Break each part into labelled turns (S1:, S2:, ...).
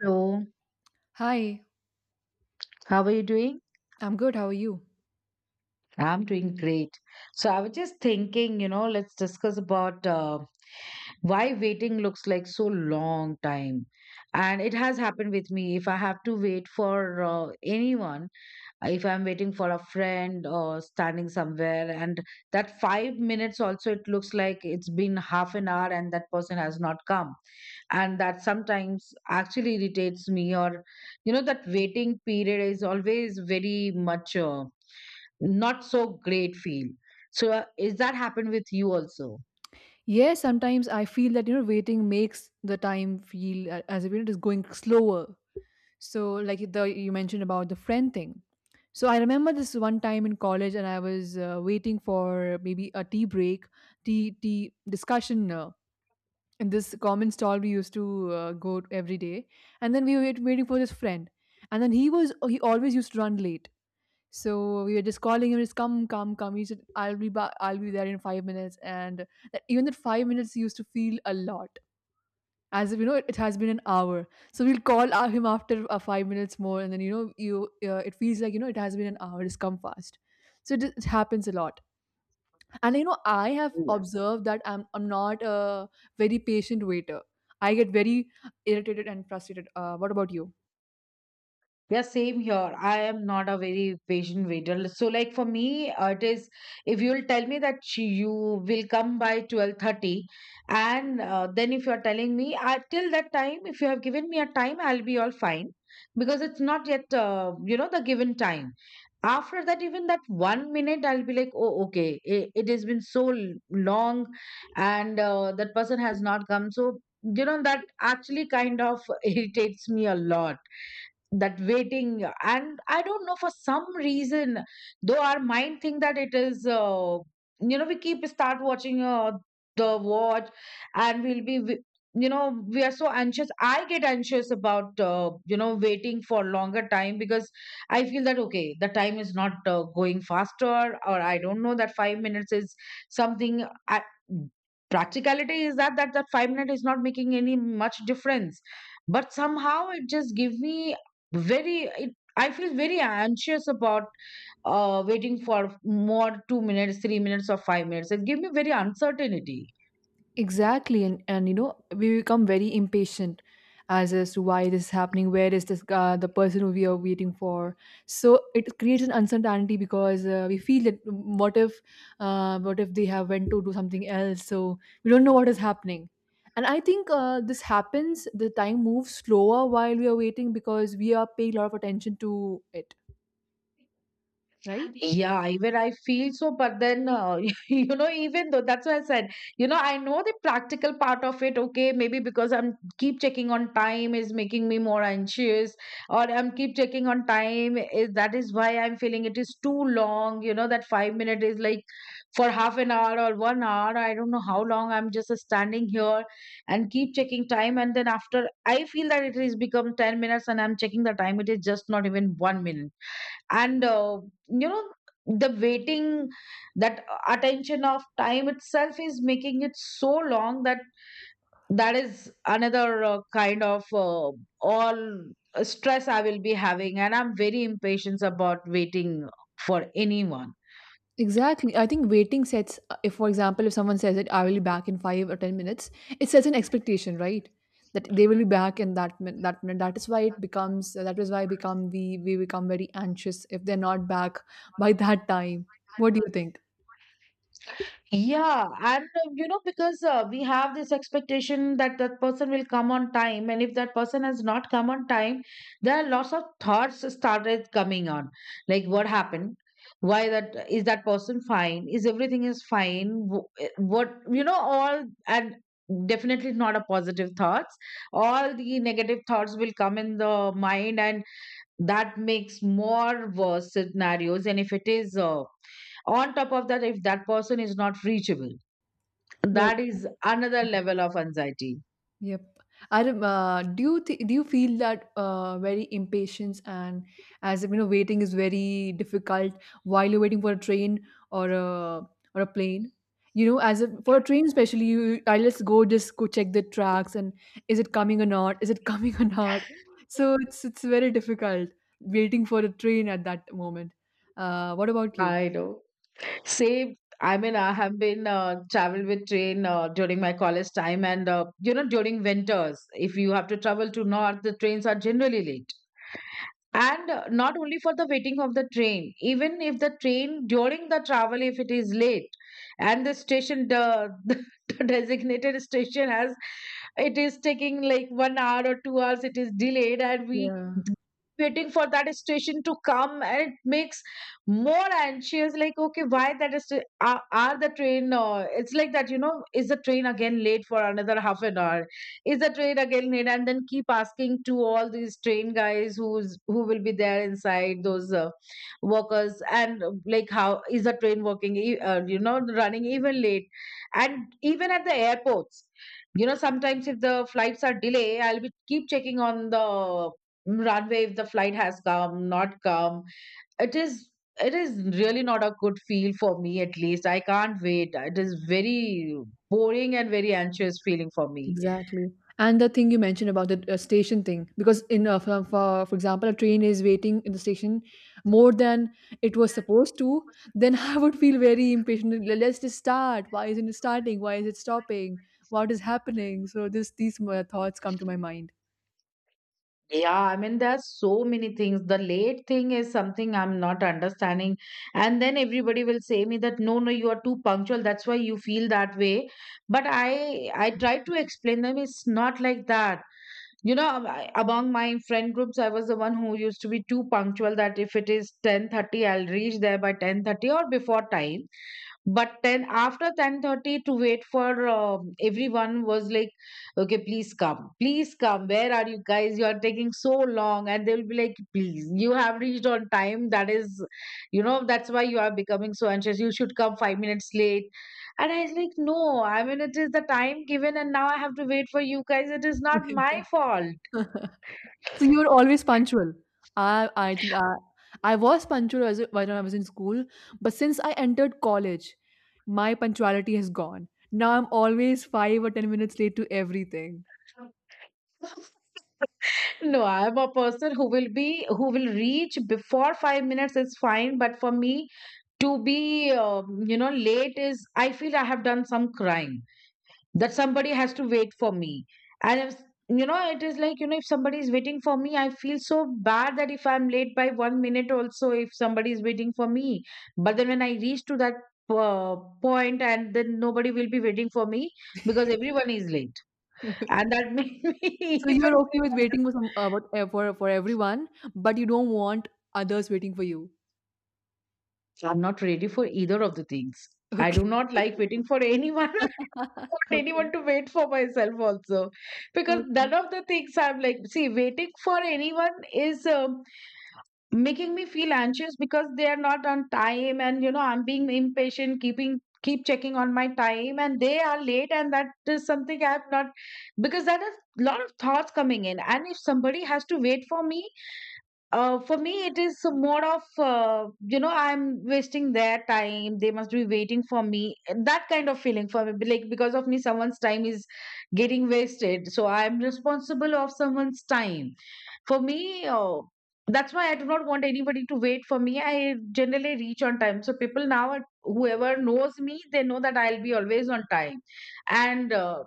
S1: Hello,
S2: Hi,
S1: how are you doing?
S2: I'm good. How are you?
S1: I'm doing great. So I was just thinking, you know, let's discuss about why waiting looks like so long time. And it has happened with me. If I have to wait for anyone, if I'm waiting for a friend or standing somewhere, and that 5 minutes also, it looks like it's been half an hour and that person has not come. And that sometimes actually irritates me, or, you know, that waiting period is always very much. Not so great feel. So is that happened with you also?
S2: Yeah, sometimes I feel that waiting makes the time feel as if it is going slower. So like the you mentioned about the friend thing. So I remember this one time in college, and I was waiting for maybe a tea break, tea discussion in this common stall we used to go every day, and then we were waiting for this friend, and then he always used to run late. So we were just calling him, just come, come, come. He said, I'll be back, I'll be there in 5 minutes. And that even that 5 minutes used to feel a lot. As if it has been an hour. So we'll call him after 5 minutes more, and then you know, you it feels like it has been an hour. Just come fast. So it happens a lot. And I have observed that I'm not a very patient waiter. I get very irritated and frustrated. What about you?
S1: Yeah, same here. I am not a very patient waiter. So, like for me, it is, if you'll tell me that you will come by 12:30, and then if you're telling me till that time, if you have given me a time, I'll be all fine because it's not yet you know, the given time. After that, even that 1 minute, I'll be like, oh, okay, it has been so long, and that person has not come. So, you know, that actually kind of irritates me a lot. That waiting, and I don't know, for some reason, though our mind think that it is, you know, we keep start watching, the watch, and you know, we are so anxious. I get anxious about, you know, waiting for longer time because I feel that okay, the time is not going faster, or I don't know, that 5 minutes is something practicality is that that 5 minute is not making any much difference, but somehow it just give me very, I feel very anxious about waiting for more 2 minutes, 3 minutes or 5 minutes. It gives me very uncertainty.
S2: Exactly, and we become very impatient as to why this is happening. Where is this the person who we are waiting for? So it creates an uncertainty because we feel that what if they have went to do something else? So we don't know what is happening. And I think this happens. The time moves slower while we are waiting because we are paying a lot of attention to it, right?
S1: Yeah, even I feel so, but then you know, even though, that's why I said, you know, I know the practical part of it. Okay, maybe because I'm keep checking on time is making me more anxious, or I'm keep checking on time, is that is why I'm feeling it is too long. You know, that 5 minute is like for half an hour or 1 hour. I don't know how long I'm just standing here and keep checking time, and then after I feel that it is become 10 minutes, and I'm checking the time, it is just not even 1 minute. And you know, the waiting, that attention of time itself is making it so long. That that is another kind of all stress I will be having, and I'm very impatient about waiting for anyone.
S2: Exactly. I think if for example, if someone says it, I will be back in 5 or 10 minutes, it sets an expectation, right? That they will be back in that minute. That is why it becomes. That is why become we become very anxious if they're not back by that time. What do you think?
S1: Yeah, and you know, because we have this expectation that that person will come on time, and if that person has not come on time, there are lots of thoughts started coming on, like what happened, why that is, that person fine, is everything is fine, what, you know, all. And definitely not a positive thoughts. All the negative thoughts will come in the mind, and that makes more worse scenarios. And if it is, on top of that, if that person is not reachable,
S2: Yeah.
S1: that is another level of anxiety.
S2: Yep. Do you feel that very impatience and as if waiting is very difficult while you're waiting for a train or a or a plane? As if for a train especially, you I let's go check the tracks and is it coming or not? Is it coming or not? So it's very difficult waiting for a train at that moment. What about you?
S1: I know. Same. I mean, I have been traveled with train during my college time, and you know, during winters, if you have to travel to north, the trains are generally late. And not only for the waiting of the train, even if the train during the travel if it is late, and the designated station has, it is taking like 1 hour or 2 hours, it is delayed, and we
S2: Yeah.
S1: waiting for that station to come, and it makes more anxious. Like, okay, why that is, are the train, it's like that, you know, is the train again late for another half an hour, is the train again late, and then keep asking to all these train guys, who will be there, inside those workers, and like, how is the train working, you know, running even late. And even at the airports, you know, sometimes if the flights are delay, I'll be keep checking on the runway if the flight has come, not come. It is it is really not a good feel for me. At least I can't wait. It is very boring and very anxious feeling for me.
S2: Exactly. And the thing you mentioned about the station thing, because in for example, a train is waiting in the station more than it was supposed to, then I would feel very impatient. Let's just start. Why isn't it starting? Why is it stopping? What is happening?" So this these thoughts come to my mind.
S1: Yeah, I mean, there's so many things. The late thing is something I'm not understanding. And then everybody will say me that no, no, you are too punctual. That's why you feel that way. But I tried to explain them, it's not like that. You know, among my friend groups, I was the one who used to be too punctual, that if it is 10:30, I'll reach there by 10:30 or before time. But then after 10:30, to wait for everyone was like, okay, please come, please come, where are you guys, you are taking so long. And they'll be like, please, you have reached on time, that is, you know, that's why you are becoming so anxious, you should come 5 minutes late. And I was like, no, I mean, it is the time given, and now I have to wait for you guys, it is not my fault.
S2: So you're always punctual. I think I was punctual when I was in school, but since I entered college, my punctuality has gone. Now I'm always 5 or 10 minutes late to everything.
S1: No, I'm a person who will be, who will reach before 5 minutes is fine, but for me, to be you know, late is, I feel I have done some crime, that somebody has to wait for me. And if, you know, it is like, you know, if somebody is waiting for me, I feel so bad that if I'm late by 1 minute also, if somebody is waiting for me. But then when I reach to that uh, point, and then nobody will be waiting for me because everyone is late, and that made me
S2: So
S1: even
S2: you're okay
S1: feel
S2: with
S1: bad.
S2: waiting for some what- for everyone, but you don't want others waiting for you.
S1: I'm not ready for either of the things. I
S2: Okay.
S1: do not like waiting for anyone, want anyone
S2: Okay.
S1: to wait for myself also. Because none
S2: Okay.
S1: of the things, I'm like, see, waiting for anyone is, um, making me feel anxious because they are not on time, and you know, I'm being impatient, keep checking on my time, and they are late, and that is something I have not. Because that is a lot of thoughts coming in, and if somebody has to wait for me, for me, it is more of, you know, I'm wasting their time. They must be waiting for me. That kind of feeling for me, like because of me, someone's time is getting wasted. So I'm responsible of someone's time. For me, that's why I do not want anybody to wait for me. I generally reach on time. So people now, whoever knows me, they know that I'll be always on time. And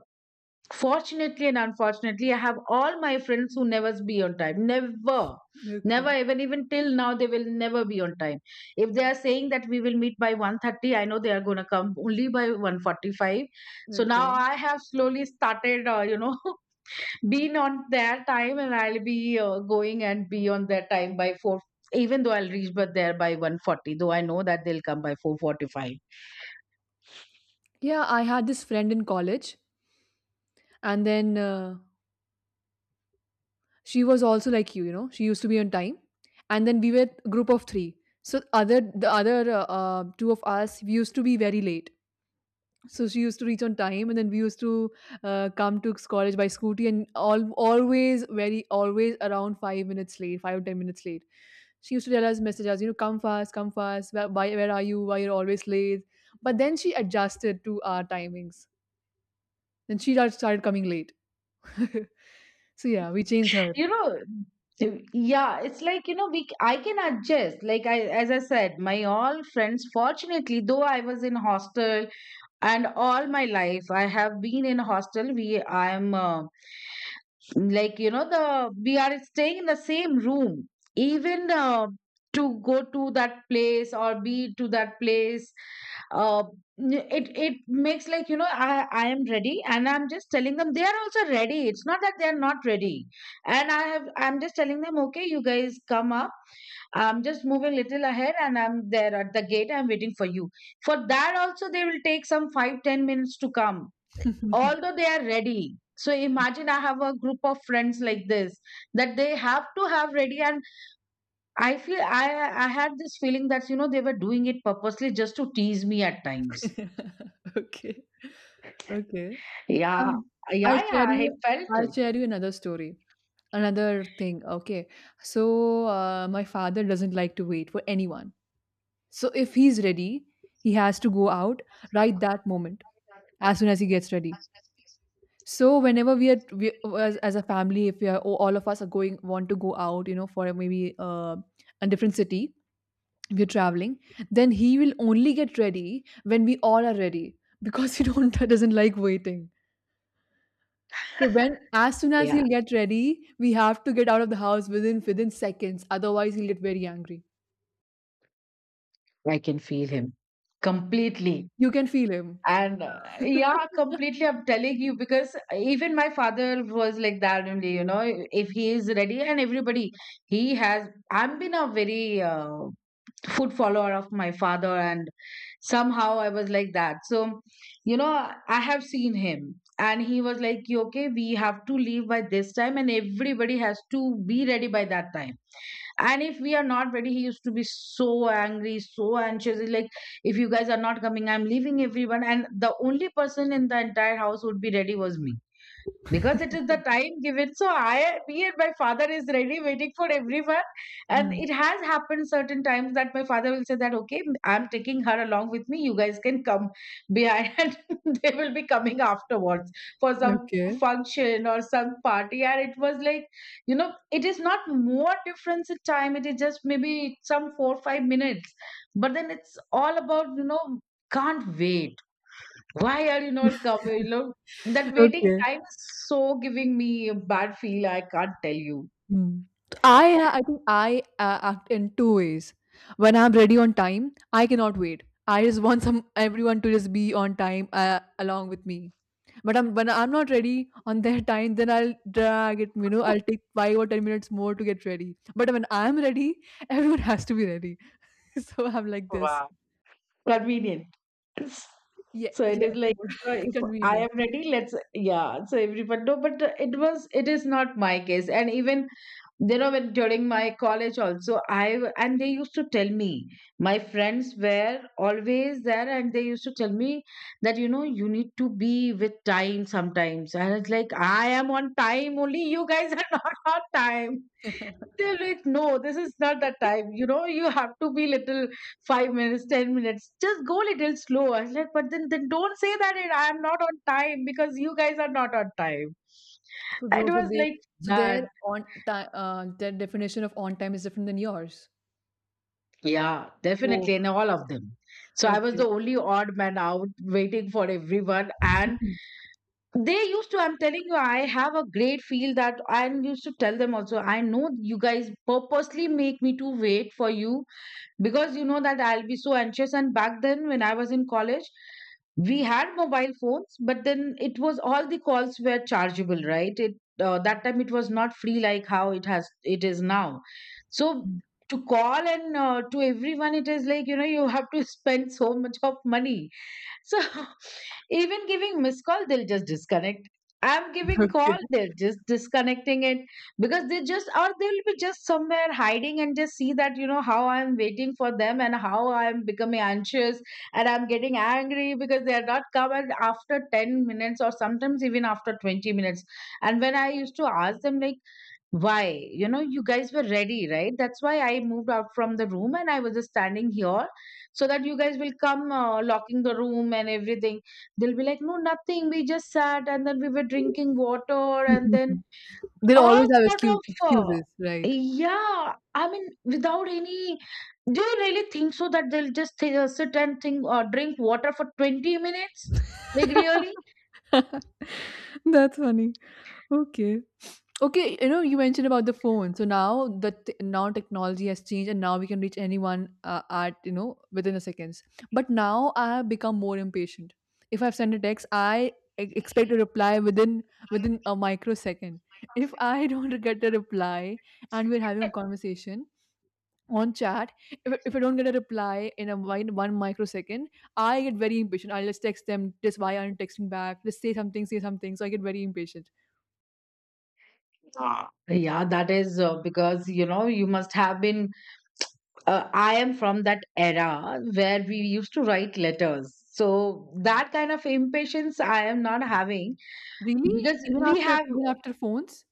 S1: fortunately and unfortunately, I have all my friends who never be on time. Never.
S2: Okay.
S1: Never, even till now, they will never be on time. If they are saying that we will meet by 1:30, I know they are gonna come only by 1:45. So now
S2: Okay.
S1: I have slowly started, you know, being on their time, and I'll be going and be on their time by 4, even though I'll reach but there by 140, though I know that they'll come by 445.
S2: Yeah, I had this friend in college, and then she was also like she used to be on time, and then we were a group of three, so other the other two of us we used to be very late, so she used to reach on time, and then we used to come to college by scooty and all, always around 5 minutes late, 5 or 10 minutes late. She used to tell us, message us, come fast, come fast, where are you, why you're always late? But then she adjusted to our timings, then she started coming late. So yeah, we changed her.
S1: You know, yeah, it's like, you know, I can adjust, like, I, as I said, my all friends fortunately, though I was in hostel, and all my life I have been in hostel, we I'm, like, you know, the we are staying in the same room, even to go to that place or be to that place, uh, it makes like, you know, I am ready, and I'm just telling them they are also ready. It's not that they are not ready, and I'm just telling them, okay, you guys come up. I'm just moving little ahead, and I'm there at the gate. I'm waiting for you. For that also they will take some 5 10 minutes to come, although they are ready. So imagine I have a group of friends like this that they have to have ready, and I feel I had this feeling that you know they were doing it purposely just to tease me at times.
S2: Okay. Okay.
S1: Yeah,
S2: Um, I'll
S1: yeah,
S2: share
S1: yeah. I
S2: you,
S1: felt it.
S2: another story. Another thing. Okay. So my father doesn't like to wait for anyone. So if he's ready, he has to go out right that moment as soon as he gets ready. So whenever as a family, if we are all of us are going want to go out, for maybe a different city, we're traveling, then he will only get ready when we all are ready because he don't doesn't like waiting. So when as soon as
S1: Yeah,
S2: he'll get ready, we have to get out of the house within seconds. Otherwise, he'll get very angry.
S1: I can feel him completely.
S2: You can feel him.
S1: And yeah, completely. I'm telling you because even my father was like that only, you know, if he is ready and everybody, he has. I've been a very food follower of my father and somehow I was like that, so you know, I have seen him and he was like, "You okay, we have to leave by this time and everybody has to be ready by that time, and if we are not ready," he used to be so angry, so anxious. He's like, "If you guys are not coming, I'm leaving everyone," and the only person in the entire house would be ready was me because it is the time given. So I, me and my father is ready waiting for everyone. And
S2: Hmm.
S1: it has happened certain times that my father will say that, okay, I'm taking her along with me, you guys can come behind. And they will be coming afterwards for some
S2: Okay.
S1: function or some party. And it was like, you know, it is not more difference in time, it is just maybe some 4 5 minutes, but then it's all about, you know, can't wait. Why are you not coming? Look, that waiting
S2: Okay.
S1: time is so giving me a bad feel. I can't tell you.
S2: Hmm. So I think I act in two ways. When I'm ready on time, I cannot wait. I just want some everyone to just be on time along with me. But I'm when I'm not ready on their time, then I'll drag it. I'll take 5 or 10 minutes more to get ready. But when I'm ready, everyone has to be ready. So I'm like this.
S1: Wow. Convenient.
S2: Yeah,
S1: So it
S2: yes,
S1: is like,
S2: more
S1: you know, if I
S2: convenient.
S1: am ready, let's, yeah. So everyone, no, but it was, it is not my case. And even you know, when during my college also and they used to tell me, my friends were always there and they used to tell me that, you know, you need to be with time sometimes. And it's like, I am on time only, you guys are not on time. They're like, no, this is not the time, you know, you have to be little 5 minutes 10 minutes, just go little slow. I was like, but then don't say that it. I am not on time because you guys are not on time.
S2: So
S1: It
S2: those so
S1: was
S2: they
S1: like
S2: so their
S1: that.
S2: on time their definition of on time is different than yours.
S1: Yeah,
S2: Oh,
S1: definitely, and all of them. So I was
S2: okay.
S1: the only odd man out waiting for everyone. And they used to, I'm telling you, I have a great feel that I used to tell them also, I know you guys purposely make me to wait for you because you know that I'll be so anxious. And back then, when I was in college, we had mobile phones, but then it was all the calls were chargeable, right? It That time it was not free like how it has it is now. So to call and to everyone, it is like, you know, you have to spend so much of money. So even giving missed call, they'll just disconnect. I'm giving
S2: Okay.
S1: call, they're just disconnecting it because they just, or they'll be just somewhere hiding and just see that, you know, how I'm waiting for them and how I'm becoming anxious, and I'm getting angry because they are not coming after 10 minutes, or sometimes even after 20 minutes. And when I used to ask them, like, why? You know, you guys were ready, right? That's why I moved out from the room and I was just standing here so that you guys will come, locking the room and everything. They'll be like, no, nothing, we just sat and then we were drinking water, and then
S2: They'll
S1: all
S2: always have
S1: sort of,
S2: excuses, right?
S1: yeah, I mean, without any. Do you really think so that they'll just sit and think, drink water for 20 minutes? Like, really?
S2: That's funny. Okay. Okay, you mentioned about the phone. So now that now technology has changed, and now we can reach anyone at within a seconds. But now I have become more impatient. If I've sent a text, I expect a reply within a microsecond. If I don't get a reply, and we're having a conversation on chat, if I don't get a reply in one microsecond, I get very impatient. I'll just text them, just why aren't you texting back? Just say something, say something. So I get very impatient.
S1: Ah, yeah, that is because you know you must have been. I am from that era where we used to write letters, so that kind of impatience I am not having
S2: Really?
S1: because
S2: Even
S1: we
S2: after
S1: have
S2: even after phones?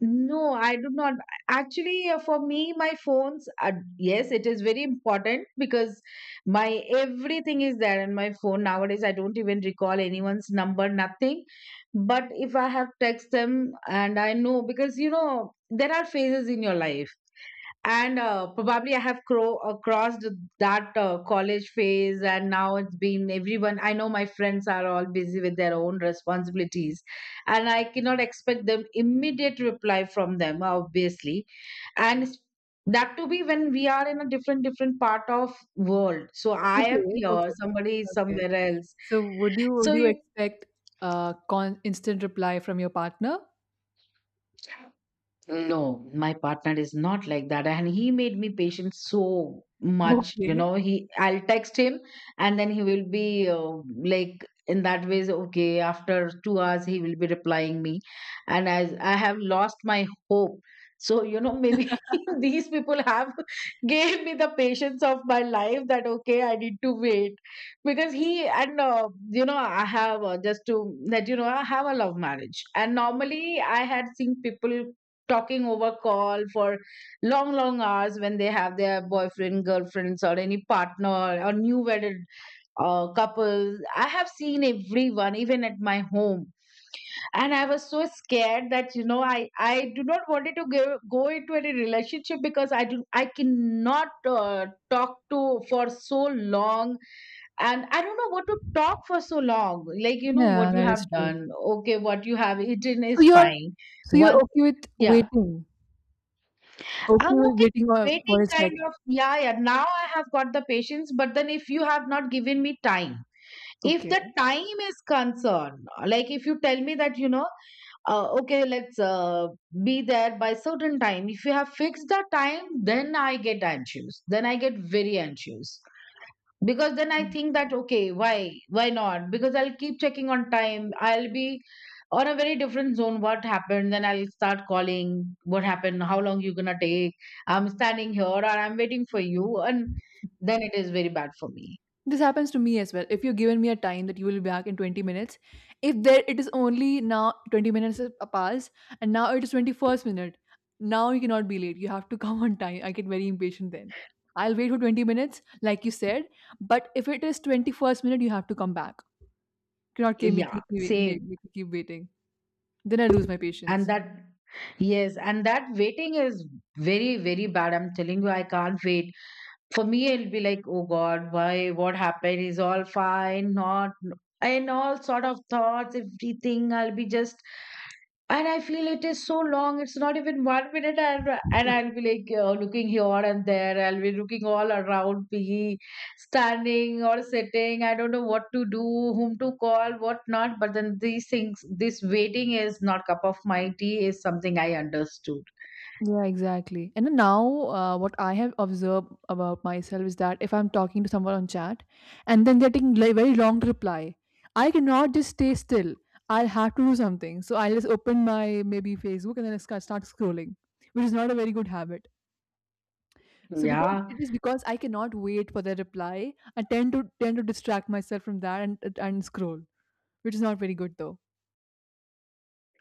S1: no. I do not actually, for me, my phones. Are, yes, it is very important because my everything is there in my phone nowadays. I don't even recall anyone's number, nothing. But if I have text them and I know, because you know, there are phases in your life, and probably I have crossed that college phase, and now it's been everyone, I know my friends are all busy with their own responsibilities and I cannot expect them immediate reply from them, obviously, and s- that to be when we are in a different different part of world. So I am
S2: Okay,
S1: here,
S2: okay,
S1: somebody is
S2: okay.
S1: somewhere else,
S2: So
S1: so
S2: would you
S1: you.
S2: expect a con instant reply from your partner?
S1: No, my partner is not like that. And he made me patient so much, you
S2: Okay.
S1: know. He, I'll text him and then he will be like, in that ways, okay, after 2 hours he will be replying me. And as I have lost my hope. So, you know, maybe these people have gave me the patience of my life that, okay, I need to wait. Because he, and you know, I have, just to let you know, I have a love marriage. And normally I had seen people talking over call for long long hours when they have their boyfriend girlfriends or any partner, or new wedded couples. I have seen everyone, even at my home. And I was so scared that, you know, I do not wanted to go into any relationship because I do, I cannot talk to for so long, and I don't know what to talk for so long. Like, you know, what
S2: Yeah,
S1: you
S2: that is
S1: have
S2: true.
S1: done, okay, what you have eaten
S2: So
S1: is fine.
S2: you're
S1: Once,
S2: okay with
S1: yeah.
S2: waiting. Okay
S1: I'm
S2: with
S1: okay
S2: waiting for
S1: waiting,
S2: his
S1: kind
S2: text.
S1: of. Yeah, yeah, now I have got the patience, but then if you have not given me time, if
S2: Okay.
S1: the time is concerned, like if you tell me that, you know, okay, let's be there by certain time, if you have fixed the time, then I get anxious, then I get very anxious, because then I think that, okay, why, not, because I'll keep checking on time,
S2: Okay.
S1: I'll be on a very different zone, what happened, then I'll start calling, what happened, how long you gonna take, I'm standing here, or I'm waiting for you. And then it is very bad for me.
S2: This happens to me as well. If you're given me a time that you will be back in 20 minutes, if there it is only now 20 minutes have passed, and now it is 21st minute, now you cannot be late. You have to come on time. I get very impatient then. I'll wait for 20 minutes, like you said, but if it is 21st minute, you have to come back. You cannot
S1: Yeah,
S2: keep me, make
S1: same.
S2: me keep waiting. Then I lose my
S1: And
S2: patience.
S1: that, yes, and that waiting is very very bad, I'm telling you, I can't wait. For me, it'll be like, oh God, why? What happened? Is all fine? Not, and all sort of thoughts, everything. I'll be just, and I feel it is so long. It's not even 1 minute, and I'll be like looking here and there. I'll be looking all around me, standing or sitting. I don't know what to do, whom to call, what not. But then these things, this waiting is not cup of my tea. Is something I understood.
S2: Yeah, exactly. And then now, what I have observed about myself is that if I'm talking to someone on chat and then they're taking very long to reply, I cannot just stay still. I'll have to do something. So I'll just open my maybe Facebook and then I start scrolling, which is not a very good habit. So because
S1: Yeah.
S2: it is because I cannot wait for their reply, I tend to distract myself from that and scroll, which is not very good though.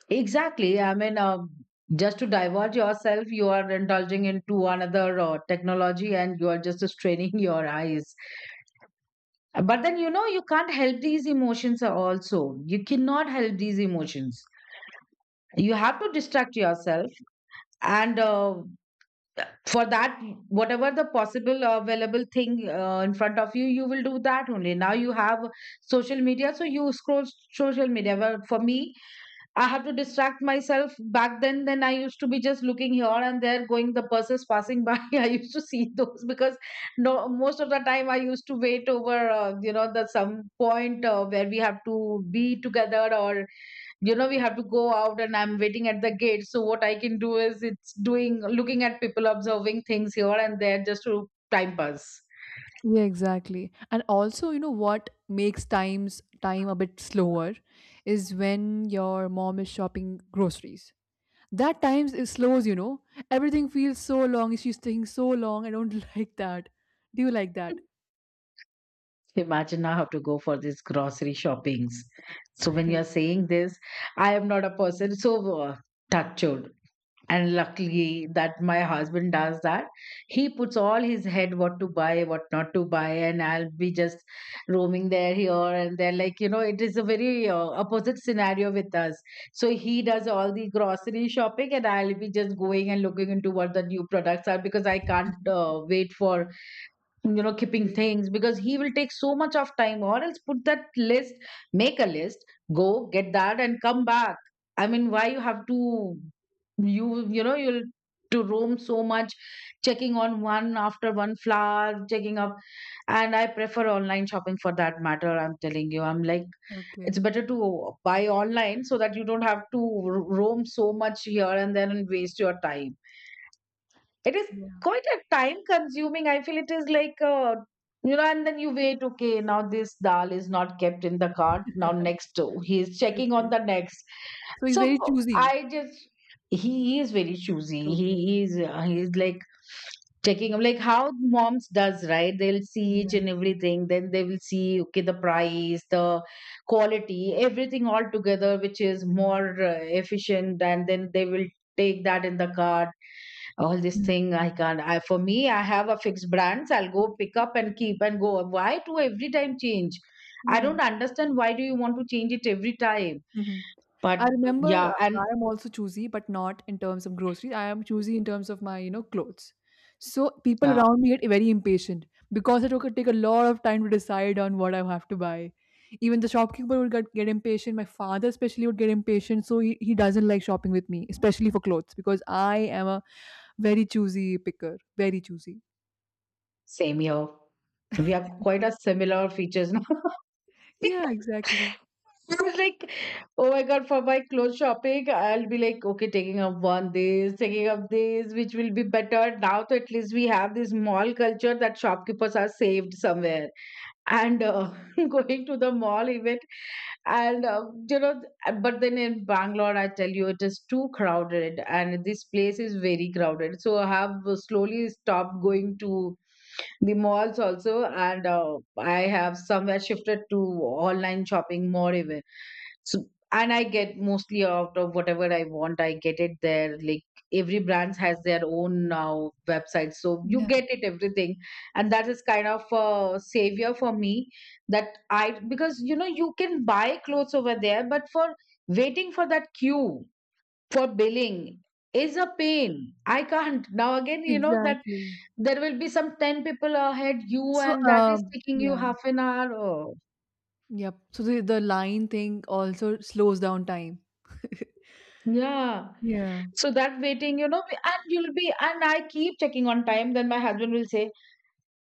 S1: Exactly. I mean, just to divert yourself, you are indulging into another technology and you are just straining your eyes. But then, you know, you can't help these emotions also. You cannot help these emotions. You have to distract yourself. And for that, whatever the possible available thing in front of you, you will do that only. Now you have social media, so you scroll social media. Well, for me, I have to distract myself. Back then I used to be just looking here and there, going the buses passing by. I used to see those because no, most of the time I used to wait over, you know, the some point where we have to be together, or you know, we have to go out, and I'm waiting at the gate. So what I can do is it's doing looking at people, observing things here and there, just to time pass.
S2: Yeah, exactly. And also, what makes time a bit slower is when your mom is shopping groceries. That times is slows. Everything feels so long. She's taking so long. I don't like that. Do you like that?
S1: Imagine now how to go for these grocery shoppings. So when you're saying this, I am not a person. So touch wood. And luckily that my husband does that. He puts all his head what to buy, what not to buy, and I'll be just roaming there, here, and there. Like, you know, it is a very opposite scenario with us. So he does all the grocery shopping, and I'll be just going and looking into what the new products are because I can't wait for, you know, keeping
S2: Okay.
S1: things because he will take so much of time, or else put that list, make a list, go get that, and come back. I mean, why you have to, you know, you'll to roam so much checking on one after one flower, checking up. And I prefer online shopping, for that matter, I'm telling you, I'm like, it's
S2: Okay.
S1: better to buy online so that you don't have to roam so much here and then and waste your time. It is
S2: Yeah.
S1: quite a time consuming. I feel it is like, you know, and then you wait, okay, now this dal is not kept in the cart. Now next, oh, he is checking on
S2: Okay.
S1: the next.
S2: So he's
S1: So
S2: very choosy.
S1: I just, he is very choosy.
S2: Okay.
S1: He is like, checking. I'm like how moms does, right? They'll see each
S2: Yeah.
S1: and everything, then they will see okay, the price, the quality, everything all together, which is more efficient, and then they will take that in the cart. All this
S2: Mm.
S1: thing I can't. I for me, I have a fixed brands, I'll go pick up and keep and go. Why to every time change? I
S2: Yeah.
S1: don't understand, why do you want to change it every time?
S2: Mhm.
S1: But
S2: I remember
S1: yeah. and
S2: I am also choosy, but not in terms of groceries. I am choosy in terms of my, clothes. So people
S1: uh,
S2: around me get very impatient because it took take a lot of time to decide on what I have to buy. Even the shopkeeper would get impatient. My father especially would get impatient. So he doesn't like shopping with me, especially for clothes, because I am a very choosy picker. Very choosy.
S1: Same here, we have quite a similar features now.
S2: Yeah, exactly.
S1: I was like, oh my god, for my clothes shopping, I'll be like, okay, taking up one this, taking up this, which will be better. Now, to at least we have this mall culture that shopkeepers are saved somewhere. And going to the mall even. And you know But then in Bangalore, I tell you, it is too crowded, and this place is very crowded, so I have slowly stopped going to the malls also, and I have somewhere shifted to online shopping more even. So and I get mostly out of whatever I want, I get it there. Like every brand has their own now website, so you
S2: Yeah.
S1: get it everything, and that is kind of a savior for me. That I, because you know, you can buy clothes over there, but for waiting for that queue for billing is a pain. I can't now again, you know that
S2: Exactly.
S1: there will be some 10 people ahead you,
S2: So
S1: and that is taking you
S2: yeah.
S1: half an hour. Oh,
S2: Yep. So the line thing also slows down time.
S1: yeah.
S2: Yeah,
S1: So that waiting, you know, and you'll be, and I keep checking on time. Then my husband will say,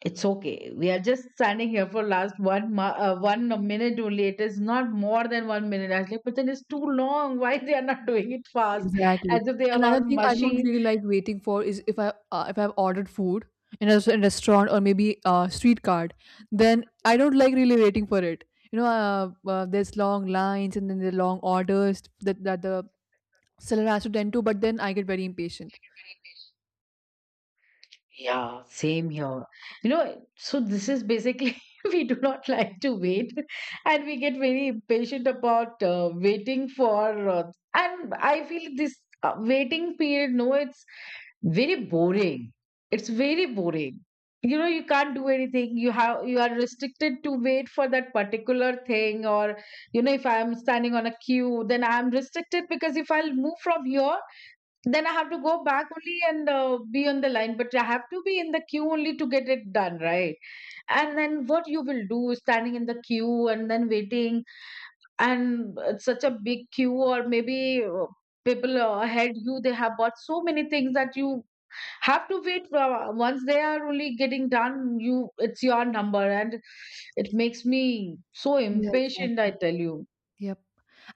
S1: "It's okay. We are just standing here for last 1 minute only. It is not more than 1 minute." I was like, "But then it's too long. Why they are not doing it fast?
S2: exactly.
S1: As if they are
S2: Another
S1: all
S2: thing I don't
S1: machine."
S2: really like waiting for is if I've ordered food in a restaurant or maybe a street cart, then I don't like really waiting for it. There's long lines and then the long orders that the seller has to tend to, but then I get very impatient.
S1: Yeah, same here. You know, so this is basically we do not like to wait, and we get very impatient about waiting for. And I feel this waiting period. No, it's very boring. It's very boring. You know, you can't do anything. You are restricted to wait for that particular thing, or you know, if I am standing on a queue, then I am restricted, because if I'll move from here, then I have to go back only and be on the line, but I have to be in the queue only to get it done, right? And then what you will do, standing in the queue and then waiting, and it's such a big queue, or maybe people ahead you, they have bought so many things that you have to wait. For, once they are only getting done, you it's your number, and it makes me so
S2: Yeah,
S1: impatient, I
S2: exactly.
S1: tell you.
S2: Yep.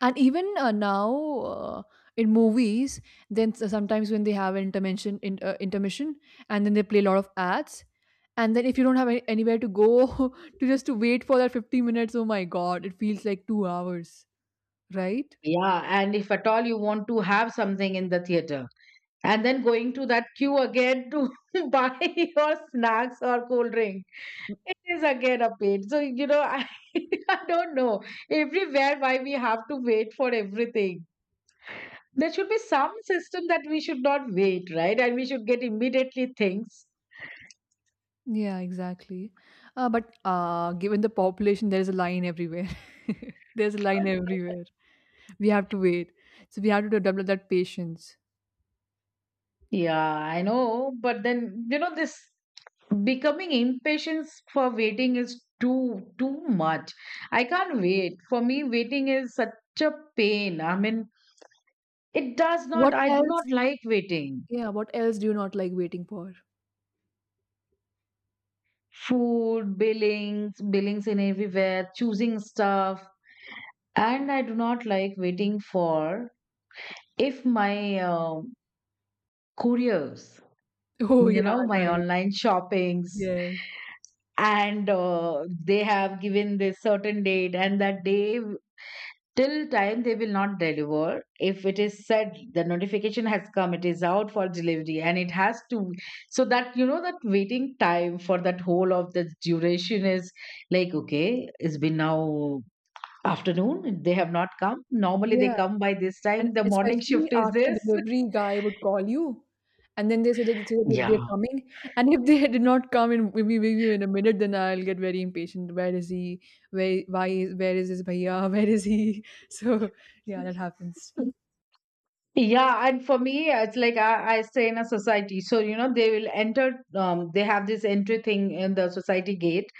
S2: And even now uh, in movies, then sometimes when they have an intermission, intermission, and then they play a lot of ads, and then if you don't have anywhere to go to just to wait for that 50 minutes, oh my god, it feels like 2 hours, right?
S1: Yeah. And if at all you want to have something in the theater, and then going to that queue again to buy your snacks or cold drink. It is again a pain. So, you know, I, I don't know everywhere why we have to wait for everything. There should be some system that we should not wait, right? And we should get immediately things.
S2: Yeah, exactly. But given the population, there is a line everywhere. There's a line everywhere. We have to wait, so we have to develop that patience.
S1: Yeah, I know. But then, you know, this becoming impatient for waiting is too much. I can't wait. For me, waiting is such a pain. I mean, it does not,
S2: What
S1: I do
S2: else?
S1: not like waiting.
S2: Yeah, what else do you not like waiting for?
S1: Food, billings, billings in everywhere, choosing stuff. And I do not like waiting for if my couriers,
S2: Oh,
S1: you
S2: yeah,
S1: know, my
S2: right.
S1: online shoppings,
S2: Yes.
S1: and they have given this certain date, and that day till time they will not deliver. If it is said the notification has come, it is out for delivery, and it has to, so that you know that waiting time for that whole of the duration is like okay, it's been now afternoon, they have not come. Normally they
S2: Yeah,
S1: come by this
S2: and
S1: time. The morning
S2: especially
S1: shift is
S2: after
S1: this.
S2: delivery guy would call you, and then they say that
S1: Yeah.
S2: they're coming, and if they did not come in maybe in a minute, then I'll get very impatient. Where is he? Where is his bhaiya? Where is he? So yeah, that happens.
S1: Yeah, and for me, it's like I stay in a society. So, you know, they will enter, they have this entry thing in the society gate,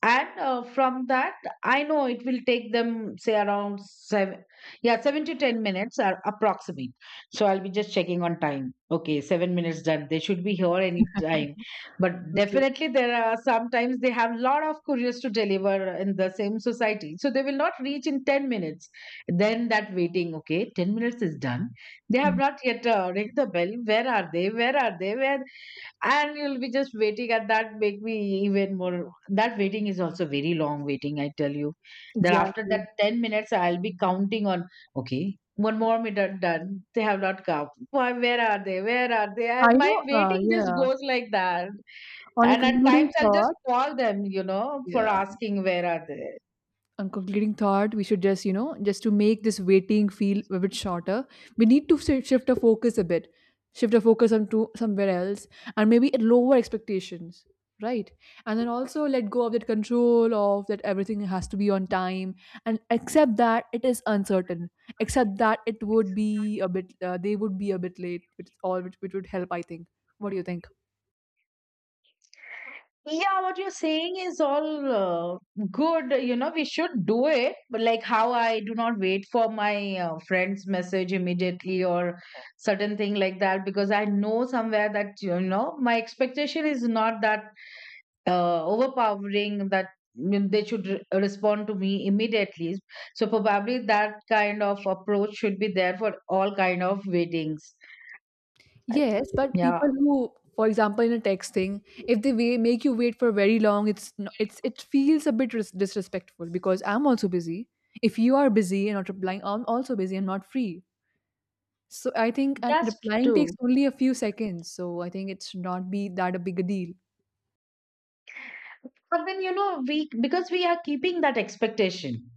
S1: and from that I know it will take them say around 7, yeah, 7 to 10 minutes are approximate. So I'll be just checking on time, okay, 7 minutes done, they should be here any time. But
S2: Okay.
S1: definitely there are sometimes they have lot of couriers to deliver in the same society, so they will not reach in 10 minutes. Then that waiting, okay, 10 minutes is done, they have
S2: Mm.
S1: not yet ringed the bell. Where are they, where are they, where? And you'll be just waiting, and that make me even more, that waiting is also very long waiting, I tell you. That after
S2: Exactly.
S1: that 10 minutes, I'll be counting on, okay, one more minute done, they have not come, why, where are they, where are they?
S2: I
S1: My
S2: know.
S1: waiting just
S2: Yeah.
S1: goes like that.
S2: On a
S1: And at
S2: concluding
S1: times I'll just
S2: thought.
S1: call them, you know, for
S2: Yeah.
S1: asking where are they.
S2: A concluding thought, we should just just to make this waiting feel a bit shorter, we need to shift our focus a bit, shift our focus onto somewhere else, and maybe at lower expectations, right, and then also let go of that control of that everything has to be on time, and accept that it is uncertain, accept that it would be a bit they would be a bit late, which is all which would help, I think. What do you think?
S1: Yeah, what you're saying is all good. You know, we should do it. But like how I do not wait for my friend's message immediately or certain thing like that, because I know somewhere that, you know, my expectation is not that overpowering that mm, they should re respond to me immediately. So probably that kind of approach should be there for all kind of weddings. I-
S2: Yes, but
S1: yeah,
S2: people who, for example, in a texting, if they wait, make you wait for very long, it's no- it's it feels a bit disrespectful because I'm also busy. If you are busy and not replying, I'm also busy and not free. So I think, and
S1: that's
S2: replying takes
S1: true.
S2: only a few seconds. So I think it should not be that a big a deal.
S1: And then, you know, we, because we are keeping that expectation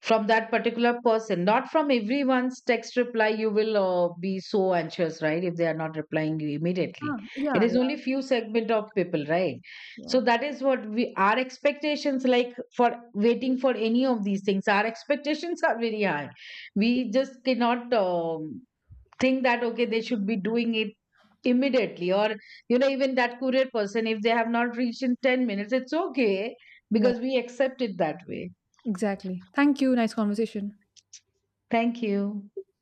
S1: from that particular person, not from everyone's text reply, you will be so anxious, right? If they are not replying you immediately.
S2: Ah,
S1: It
S2: yeah,
S1: is
S2: yeah,
S1: only few segment of people, right? So
S2: yeah,
S1: that is what we, our expectations like for waiting for any of these things, our expectations are very high. We just cannot, um, think that okay, they should be doing it immediately, or you know, even that courier person, if they have not reached in 10 minutes, it's okay,
S2: yeah.
S1: because we accept it that way.
S2: Exactly. Thank you. Nice conversation.
S1: Thank you.